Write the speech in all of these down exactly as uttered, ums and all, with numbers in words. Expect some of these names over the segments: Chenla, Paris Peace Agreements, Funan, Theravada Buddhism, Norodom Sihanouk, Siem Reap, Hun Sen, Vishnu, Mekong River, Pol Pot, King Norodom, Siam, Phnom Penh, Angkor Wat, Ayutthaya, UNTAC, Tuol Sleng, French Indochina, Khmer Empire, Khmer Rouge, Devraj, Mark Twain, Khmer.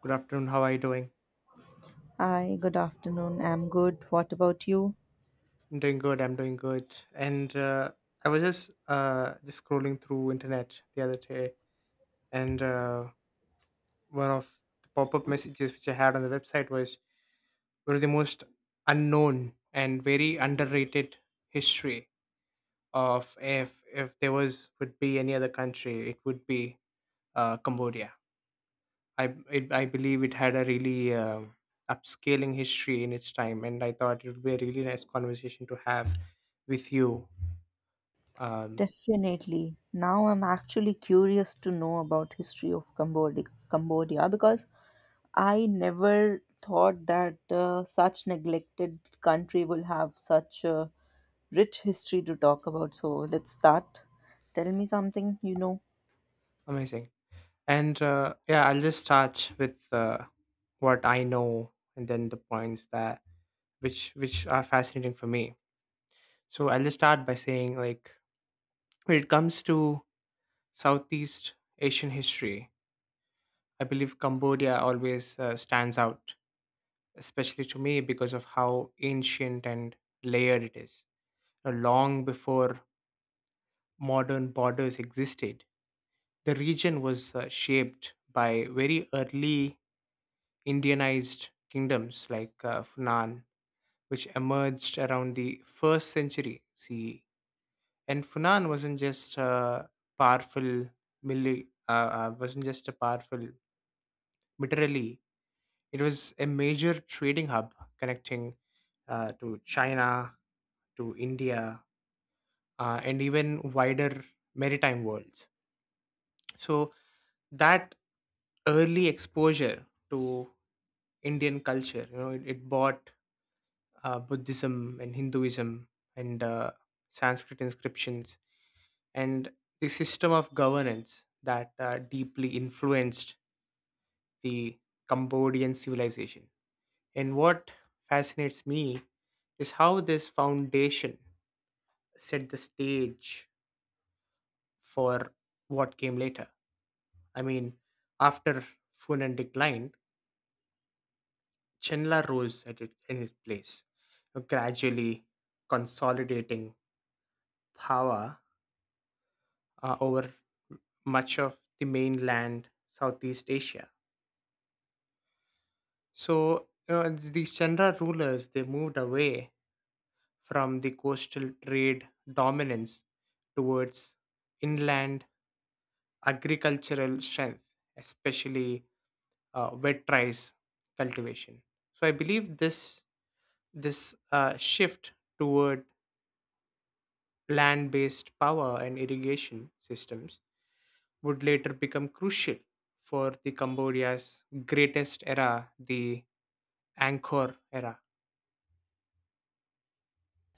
Good afternoon. How are you doing? Hi, good afternoon. I'm good. What about you? I'm doing good. I'm doing good. And uh, I was just uh, just scrolling through internet the other day, and uh, one of the pop-up messages which I had on the website was one of the most unknown and very underrated history of if if there was would be any other country, it would be uh, Cambodia. I it, I believe it had a really um upscaling history in its time, and I thought it would be a really nice conversation to have with you. Um, Definitely. Now I'm actually curious to know about history of Cambodia, Cambodia because I never thought that uh, such neglected country will have such a rich history to talk about. So let's start. Tell me something you know. Amazing. And uh, yeah, I'll just start with uh, what I know, and then the points that which which are fascinating for me. So I'll just start by saying, like, when it comes to Southeast Asian history, I believe Cambodia always uh, stands out, especially to me because of how ancient and layered it is. Uh, long before modern borders existed, the region was uh, shaped by very early Indianized kingdoms like uh, Funan, which emerged around the first century C E. And Funan wasn't just a powerful mili- uh, uh, wasn't just a powerful militarily. It was a major trading hub connecting uh, to China, to India, uh, and even wider maritime worlds. So that early exposure to Indian culture. You know, it, it brought uh, Buddhism and Hinduism and uh, Sanskrit inscriptions, and the system of governance that uh, deeply influenced the Cambodian civilization. And what fascinates me is how this foundation set the stage for what came later. I mean, after Funan declined, Chenla rose at it, in its place, gradually consolidating power uh, over much of the mainland Southeast Asia. So uh, the Chandra rulers they moved away from the coastal trade dominance towards inland agricultural strength, especially uh, wet rice cultivation. So I believe this this uh, shift toward land-based power and irrigation systems would later become crucial for the Cambodia's greatest era, the Angkor era.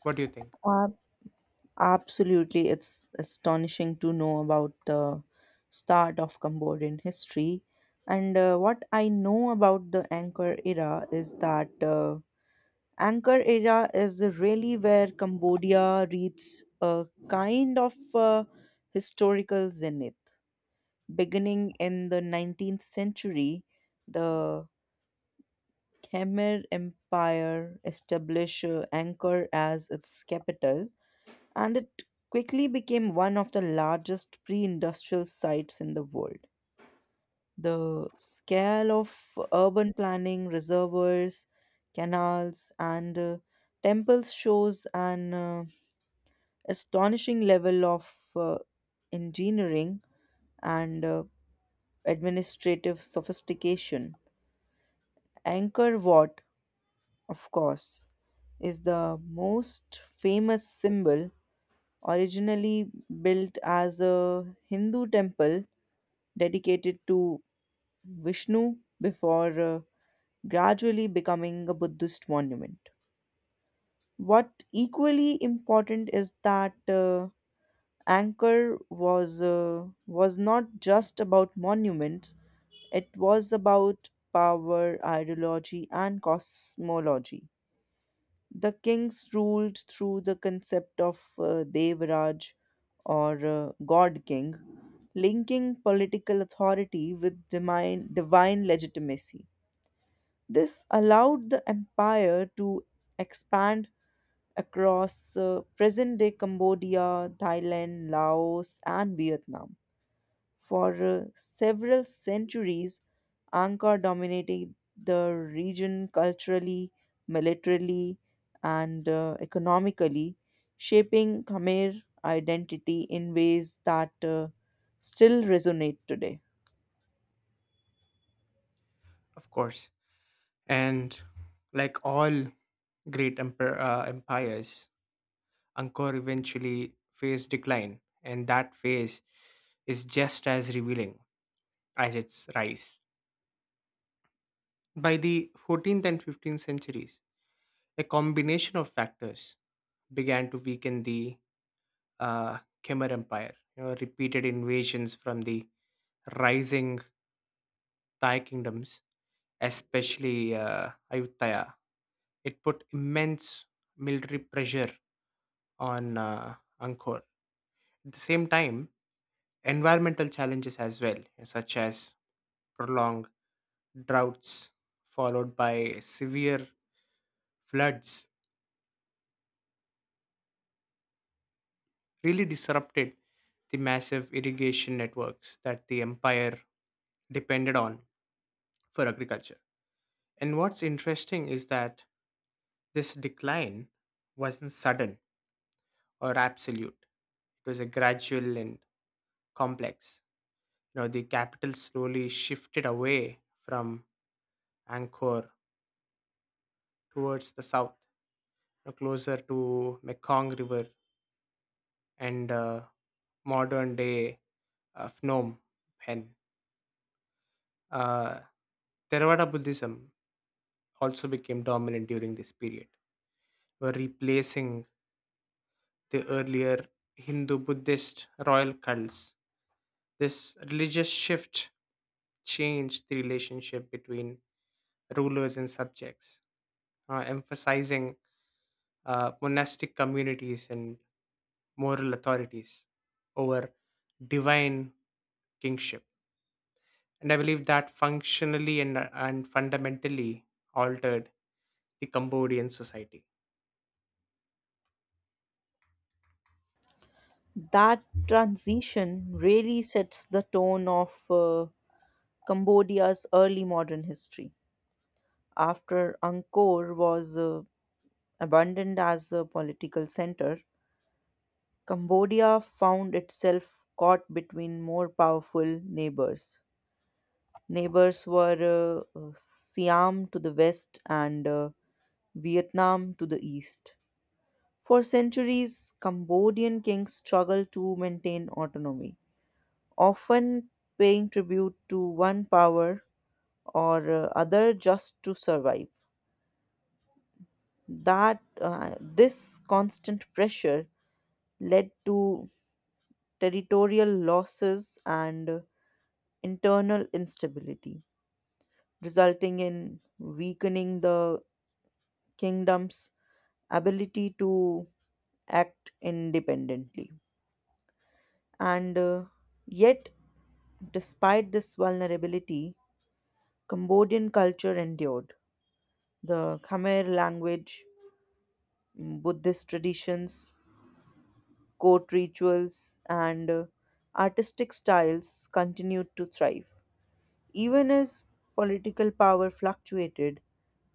What do you think? Uh, Absolutely, it's astonishing to know about the start of Cambodian history. And uh, what I know about the Angkor era is that uh, Angkor era is really where Cambodia reaches a kind of uh, historical zenith. Beginning in the nineteenth century, the Khmer Empire established uh, Angkor as its capital, and it quickly became one of the largest pre industrial sites in the world. The scale of urban planning, reservoirs, canals, and uh, temples shows an uh, astonishing level of uh, engineering and uh, administrative sophistication. Angkor Wat, of course, is the most famous symbol, originally built as a Hindu temple dedicated to Vishnu before uh, gradually becoming a Buddhist monument. What equally important is that uh, Angkor was uh, was not just about monuments; it was about power, ideology, and cosmology. The kings ruled through the concept of uh, Devraj or uh, God King, linking political authority with divine, divine legitimacy. This allowed the empire to expand across uh, present day Cambodia, Thailand, Laos, and Vietnam. For uh, several centuries, Angkor dominated the region culturally, militarily, and uh, economically, shaping Khmer identity in ways that uh, still resonate today. Of course. And like all great emper- uh, empires, Angkor eventually faced decline, and that phase is just as revealing as its rise. By the fourteenth and fifteenth centuries, a combination of factors began to weaken the uh, Khmer Empire. You know, repeated invasions from the rising Thai kingdoms, especially uh, Ayutthaya. It put immense military pressure on uh, Angkor. At the same time, environmental challenges as well, such as prolonged droughts followed by severe floods, really disrupted the massive irrigation networks that the empire depended on for agriculture. And what's interesting is that this decline wasn't sudden or absolute. It was a gradual and complex. You know, the capital slowly shifted away from Angkor towards the south, you know, closer to Mekong River and uh, modern day uh, Phnom Penh. Uh, Theravada Buddhism also became dominant during this period, were replacing the earlier Hindu Buddhist royal cults. This religious shift changed the relationship between rulers and subjects, uh, emphasizing uh, monastic communities and moral authorities over divine kingship. And I believe that functionally and, and fundamentally altered the Cambodian society. That transition really sets the tone of. Uh, Cambodia's early modern history. After Angkor was uh, abandoned as a political center, Cambodia found itself caught between more powerful neighbors. Neighbors were uh, uh, Siam to the west and uh, Vietnam to the east. For centuries, Cambodian kings struggled to maintain autonomy, often paying tribute to one power or uh, other just to survive. That uh, this constant pressure led to territorial losses and internal instability, resulting in weakening the kingdom's ability to act independently, and uh, yet despite this vulnerability, cambodian culture endured. The khmer language, buddhist traditions, court rituals, and uh, artistic styles continued to thrive. Even as political power fluctuated,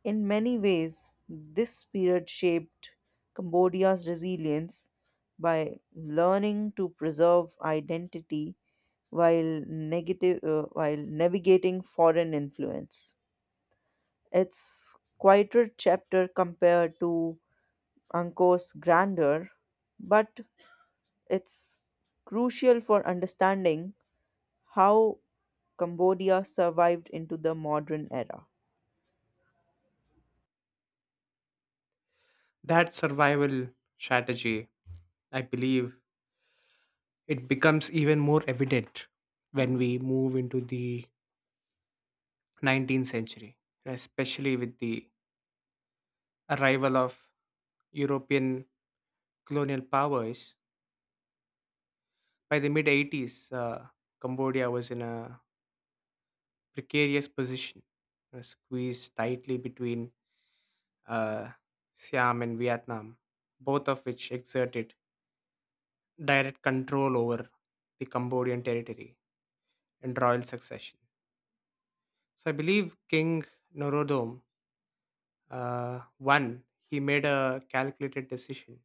in many ways, this period shaped Cambodia's resilience by learning to preserve identity while negative uh, while navigating foreign influence. Its quieter chapter compared to Angkor's grandeur, but it's crucial for understanding how Cambodia survived into the modern era. That survival strategy, I believe, it becomes even more evident when we move into the nineteenth century, especially with the arrival of European colonial powers. By the mid eighties, uh, Cambodia was in a precarious position, uh, squeezed tightly between uh, Siam and Vietnam, both of which exerted direct control over the Cambodian territory and royal succession. So I believe King Norodom Uh, one, he made a calculated decision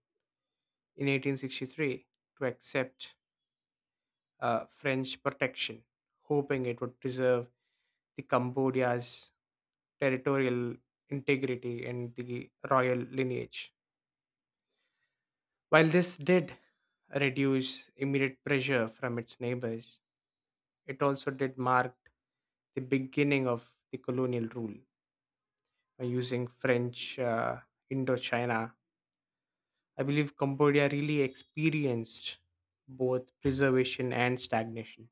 in eighteen sixty-three to accept uh, French protection, hoping it would preserve the Cambodia's territorial integrity and the royal lineage. While this did reduce immediate pressure from its neighbors, it also did mark the beginning of the colonial rule by using French uh, Indochina. I believe Cambodia really experienced both preservation and stagnation.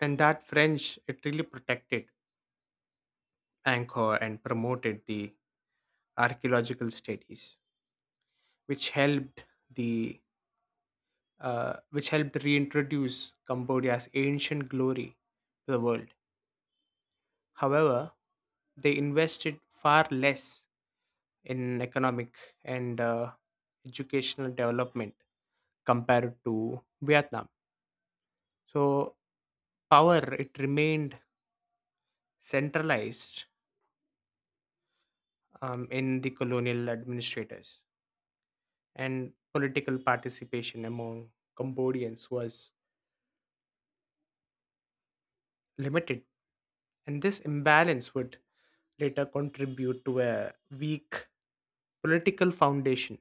And that French, it really protected Angkor and promoted the archaeological studies, which helped the uh, which helped reintroduce Cambodia's ancient glory to the world. However, they invested far less in economic and uh, educational development compared to Vietnam. So power it remained centralized um, in the colonial administrators, and political participation among Cambodians was limited. And this imbalance would later contribute to a weak political foundation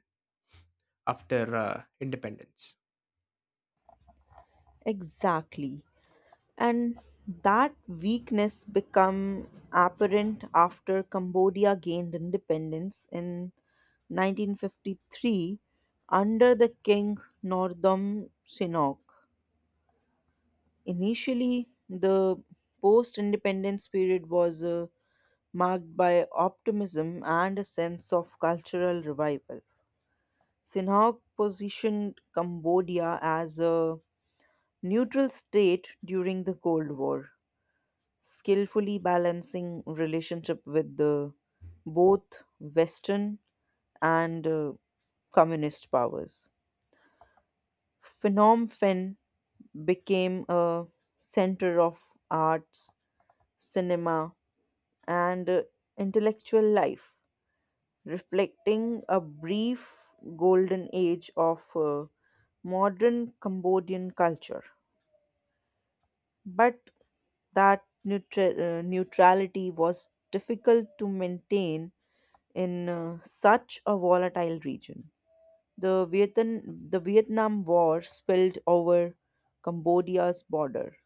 after uh, independence. Exactly. And that weakness become apparent after Cambodia gained independence in nineteen fifty-three under the King Northam Sihanouk. Initially, the post-independence period was uh, marked by optimism and a sense of cultural revival. Sinha positioned Cambodia as a neutral state during the Cold War, skillfully balancing relationship with the, both Western and uh, communist powers. Phnom Penh became a center of arts, cinema, and uh, intellectual life, reflecting a brief golden age of uh, modern Cambodian culture. But that neutra- uh, neutrality was difficult to maintain in uh, such a volatile region. The, Vietnam, the Vietnam War spilled over Cambodia's border,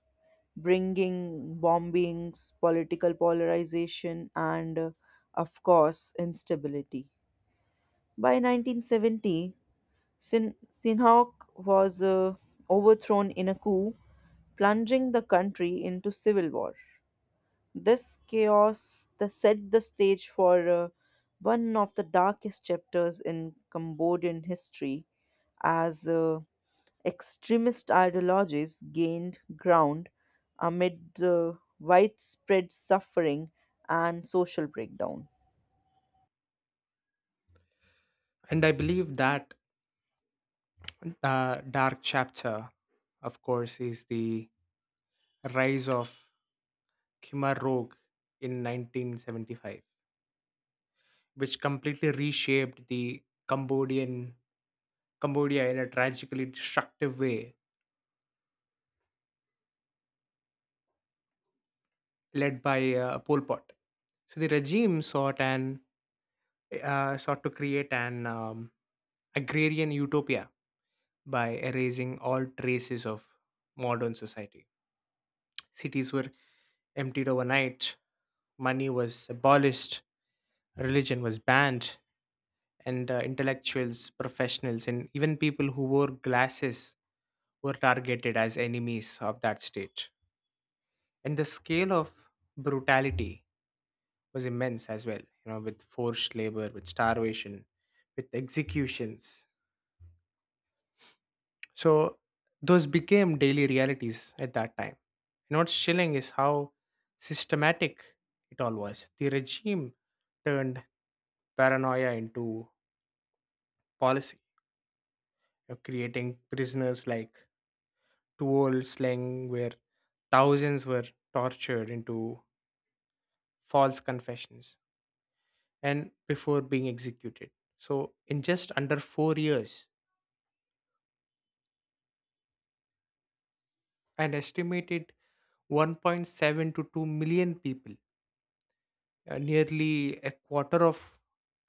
bringing bombings, political polarization, and, uh, of course, instability. By nineteen seventy, Sin- Sinhok was uh, overthrown in a coup, plunging the country into civil war. This chaos the set the stage for uh, one of the darkest chapters in Cambodian history as uh, extremist ideologies gained ground amid the widespread suffering and social breakdown. And I believe that uh, dark chapter, of course, is the rise of Khmer Rouge in nineteen seventy-five, which completely reshaped the Cambodian Cambodia in a tragically destructive way, led by uh, Pol Pot. So the regime sought an uh, sought to create an um, agrarian utopia by erasing all traces of modern society. Cities were emptied overnight, money was abolished, religion was banned, and uh, intellectuals, professionals, and even people who wore glasses were targeted as enemies of that state. And the scale of brutality was immense as well, you know, with forced labor, with starvation, with executions. So those became daily realities at that time. And what's chilling is how systematic it all was. The regime turned paranoia into policy, you know, creating prisoners like Tuol Sleng, where thousands were tortured into false confessions and before being executed. So, in just under four years, and estimated one point seven to two million people. Uh, nearly a quarter of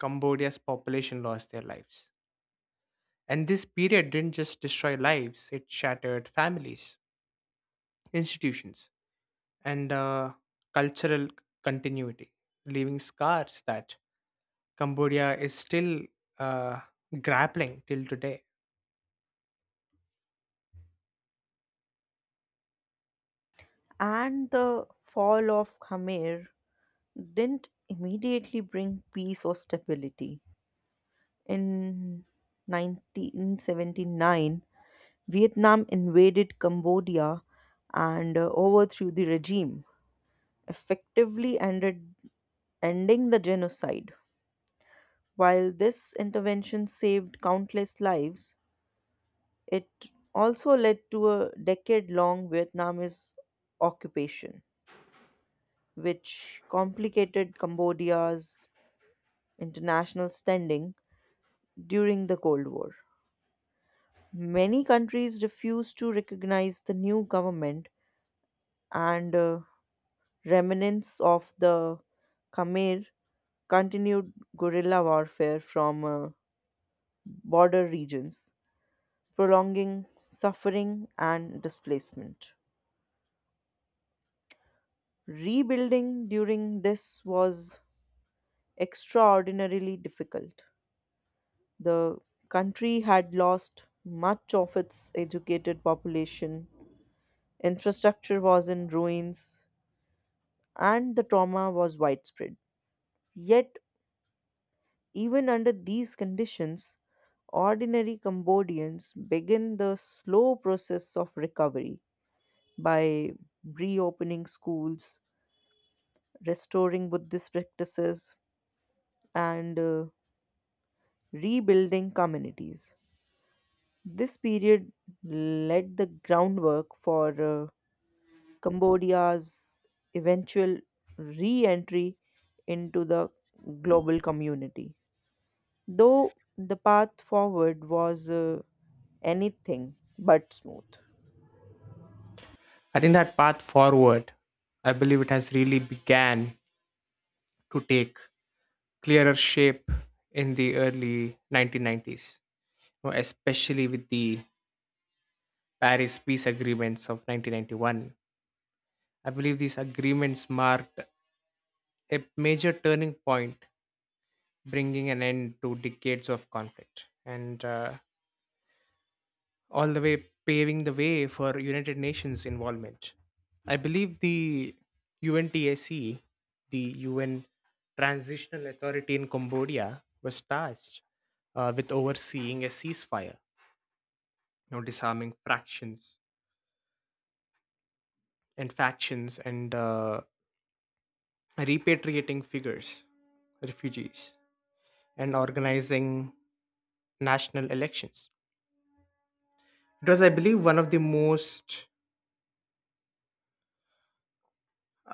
Cambodia's population lost their lives. And this period didn't just destroy lives, it shattered families, institutions, and uh, cultural continuity, leaving scars that Cambodia is still uh, grappling till today. And the fall of Khmer didn't immediately bring peace or stability. In nineteen seventy-nine, Vietnam invaded Cambodia and uh, overthrew the regime, effectively ended, ending the genocide. While this intervention saved countless lives, it also led to a decade long Vietnamese occupation, which complicated Cambodia's international standing during the Cold War. Many countries refuse to recognize the new government, and uh, remnants of the Khmer continued guerrilla warfare from uh, border regions, prolonging suffering and displacement. Rebuilding during this was extraordinarily difficult. The country had lost much of its educated population, infrastructure was in ruins, and the trauma was widespread. Yet, even under these conditions, ordinary Cambodians begin the slow process of recovery by reopening schools, restoring Buddhist practices, and uh, rebuilding communities. This period laid the groundwork for uh, Cambodia's eventual re entry into the global community, though the path forward was uh, anything but smooth. I think that path forward, I believe it has really began to take clearer shape in the early nineteen nineties, you know, especially with the Paris Peace Agreements of nineteen ninety-one. I believe these agreements marked a major turning point, bringing an end to decades of conflict. And uh, all the way paving the way for United Nations involvement. I believe the UNTAC, the U N Transitional Authority in Cambodia, was tasked uh, with overseeing a ceasefire, you know, disarming fractions and factions and uh, repatriating figures, refugees, and organizing national elections. It was, I believe, one of the most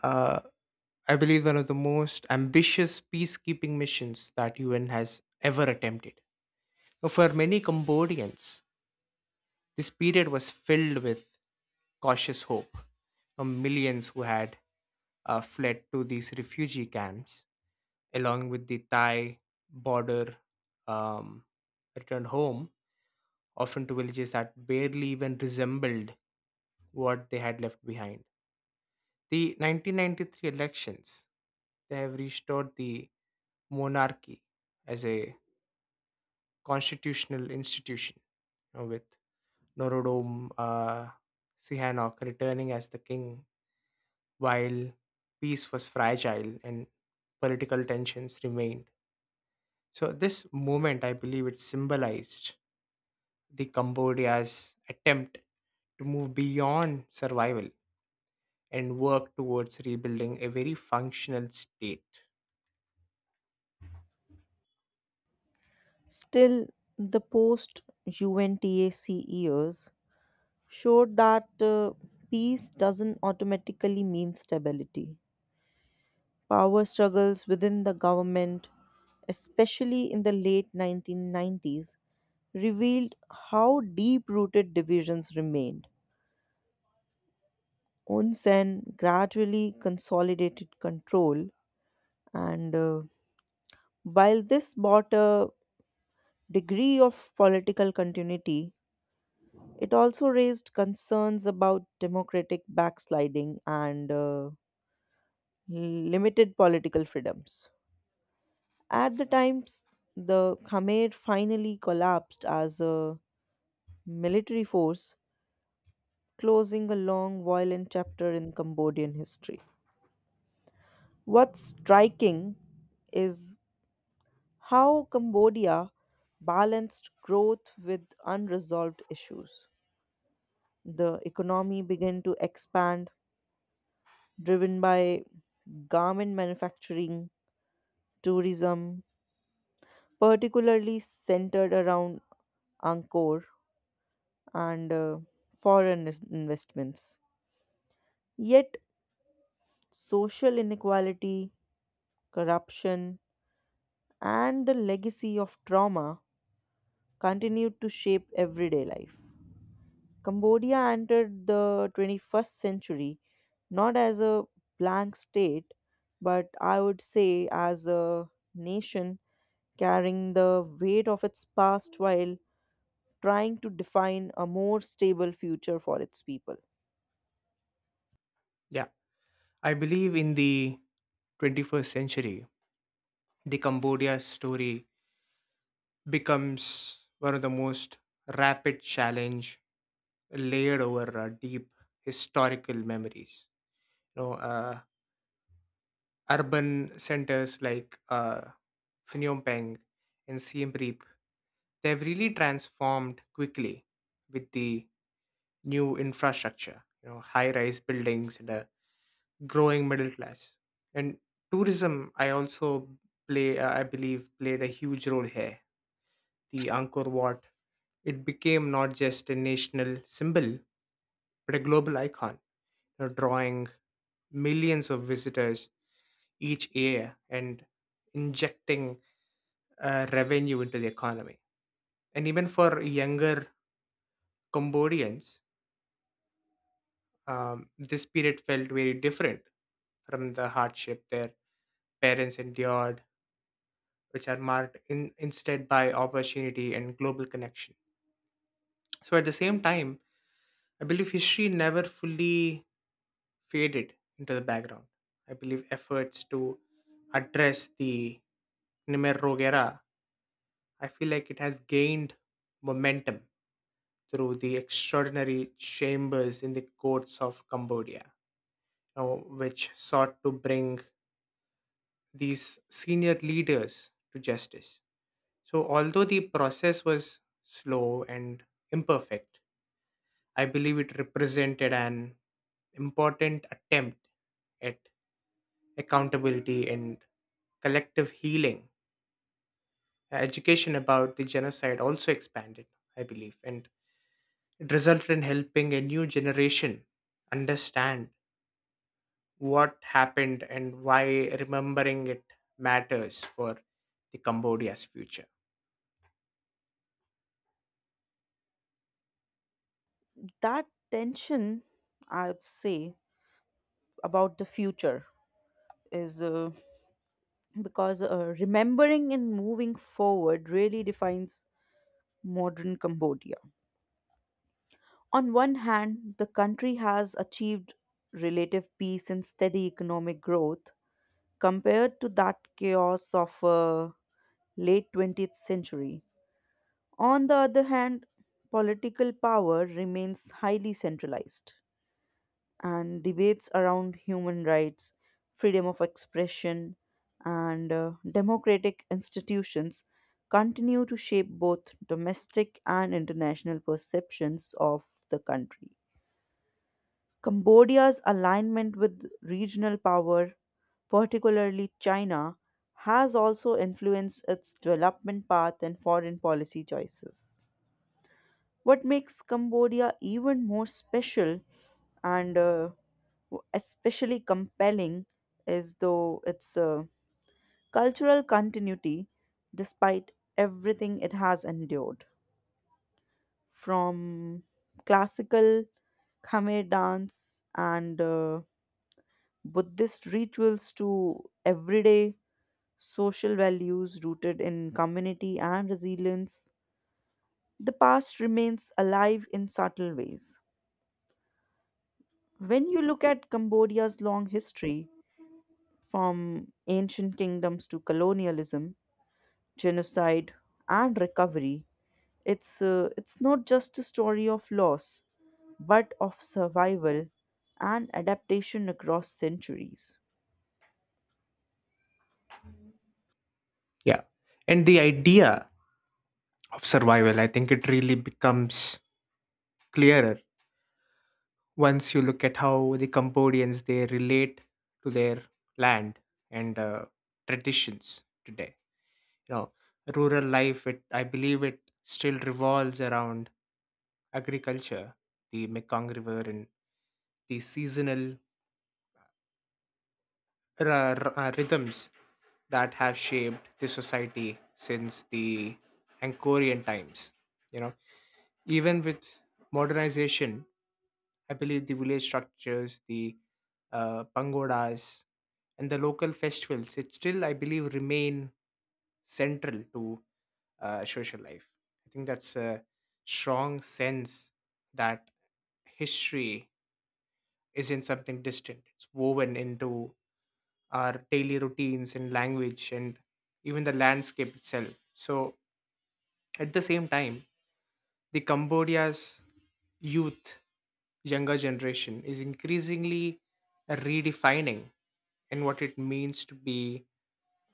uh, I believe one of the most ambitious peacekeeping missions that U N has ever attempted. Now, for many Cambodians, this period was filled with cautious hope. Now, millions who had uh, fled to these refugee camps, along with the Thai border, um, returned home, often to villages that barely even resembled what they had left behind. The nineteen ninety-three elections, they have restored the monarchy as a constitutional institution, you know, with Norodom uh, Sihanouk returning as the king while peace was fragile and political tensions remained. So this movement, I believe, it symbolized the Cambodia's attempt to move beyond survival and work towards rebuilding a very functional state. Still, the post UNTAC years showed that uh, peace doesn't automatically mean stability. Power struggles within the government, especially in the late nineteen nineties, revealed how deep rooted divisions remained. Hun Sen gradually consolidated control, and uh, while this brought a degree of political continuity, it also raised concerns about democratic backsliding and uh, limited political freedoms. At the times, the Khmer finally collapsed as a military force, closing a long violent chapter in Cambodian history. What's striking is how Cambodia balanced growth with unresolved issues. The economy began to expand, driven by garment manufacturing, tourism, particularly centered around Angkor, and uh, foreign is- investments. Yet, social inequality, corruption, and the legacy of trauma continued to shape everyday life. Cambodia entered the twenty-first century not as a blank state, but I would say as a nation carrying the weight of its past while trying to define a more stable future for its people. Yeah, I believe in the twenty-first century, the Cambodia story becomes one of the most rapid challenge layered over uh, deep historical memories. You know, uh, urban centers like uh, Phnom Penh and Siem Reap, they've really transformed quickly with the new infrastructure. You know, high-rise buildings and a growing middle class and tourism i also play uh, i believe played a huge role here. The Angkor Wat, it became not just a national symbol but a global icon, you know, drawing millions of visitors each year and injecting uh, revenue into the economy. And even for younger Cambodians, um, this period felt very different from the hardship their parents endured, which are marked in, instead by opportunity and global connection. So at the same time, I believe history never fully faded into the background. I believe efforts to address the Khmer Rouge era, I feel like it has gained momentum through the extraordinary chambers in the courts of Cambodia, you know, which sought to bring these senior leaders to justice. So, although the process was slow and imperfect, I believe it represented an important attempt at accountability and collective healing. Education about the genocide also expanded, I believe, and it resulted in helping a new generation understand what happened and why remembering it matters for the Cambodia's future. That tension, I would say, about the future is uh, because uh, remembering and moving forward really defines modern Cambodia. On one hand, the country has achieved relative peace and steady economic growth compared to that chaos of uh, late twentieth century. On the other hand, political power remains highly centralized, and debates around human rights, freedom of expression, and uh, democratic institutions continue to shape both domestic and international perceptions of the country. Cambodia's alignment with regional power, particularly China, has also influenced its development path and foreign policy choices. What makes Cambodia even more special and uh, w- especially compelling is though its uh, cultural continuity despite everything it has endured, from classical Khmer dance and uh, Buddhist rituals to everyday social values rooted in community and resilience, the past remains alive in subtle ways. When you look at Cambodia's long history, from ancient kingdoms to colonialism, genocide, and recovery, it's, uh, it's not just a story of loss, but of survival and adaptation across centuries. Yeah. And the idea of survival, I think it really becomes clearer once you look at how the Cambodians they relate to their land and uh, traditions today. You know, rural life, it I believe it still revolves around agriculture, the Mekong River, and the seasonal r- r- uh, rhythms that have shaped the society since the Angkorian times. You know, even with modernization, I believe the village structures, the uh, pagodas, and the local festivals, it still, I believe, remain central to uh, social life. I think that's a strong sense that history isn't something distant, it's woven into our daily routines and language and even the landscape itself. So at the same time, the Cambodia's youth, younger generation is increasingly redefining and what it means to be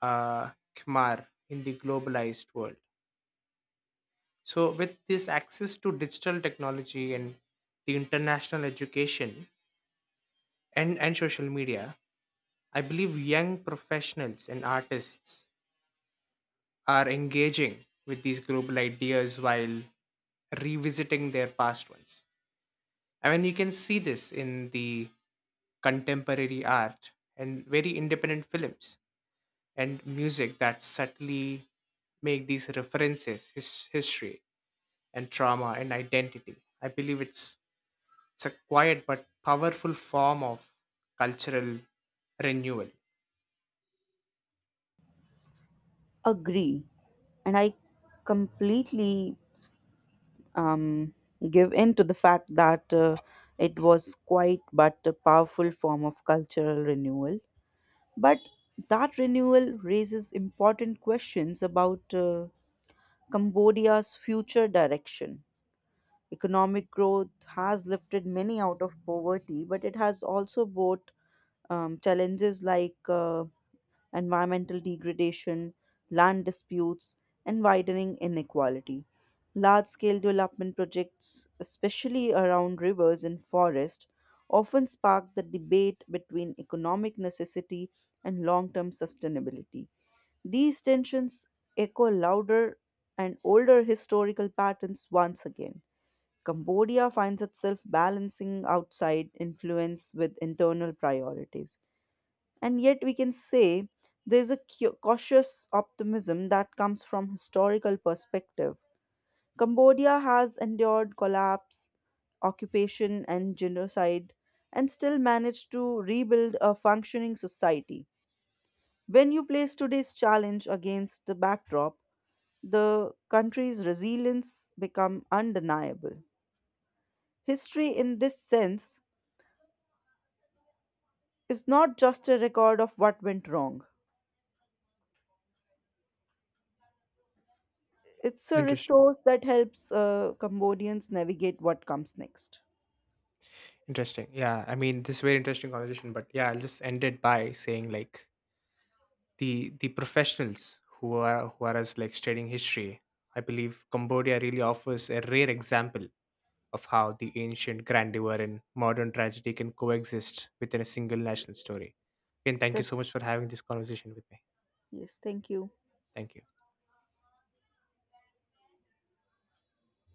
uh, Khmer in the globalized world. So, with this access to digital technology and the international education and, and social media, I believe young professionals and artists are engaging with these global ideas while revisiting their past ones. I mean, you can see this in the contemporary art and very independent films and music that subtly make these references, his history and trauma and identity. I believe it's it's a quiet but powerful form of cultural renewal. Agree. And I completely um, give in to the fact that uh, it was quite but a powerful form of cultural renewal. But that renewal raises important questions about uh, Cambodia's future direction. Economic growth has lifted many out of poverty, but it has also brought um, challenges like uh, environmental degradation, land disputes, and widening inequality. Large scale development projects, especially around rivers and forests, often spark the debate between economic necessity and long term sustainability. These tensions echo louder and older historical patterns once again. Cambodia finds itself balancing outside influence with internal priorities. And yet, we can say there's a cu- cautious optimism that comes from historical perspective. Cambodia has endured collapse, occupation, and genocide, and still managed to rebuild a functioning society. When you place today's challenge against the backdrop, the country's resilience become undeniable. History in this sense is not just a record of what went wrong. It's a Interesting. resource that helps uh, Cambodians navigate what comes next. Interesting. Yeah. I mean, this is very interesting conversation, but yeah, I'll just end it by saying, like, the the professionals who are who are as like studying history, I believe Cambodia really offers a rare example of how the ancient grandeur and modern tragedy can coexist within a single national story. And thank you Th- so much for having this conversation with me. Yes, thank you. Thank you.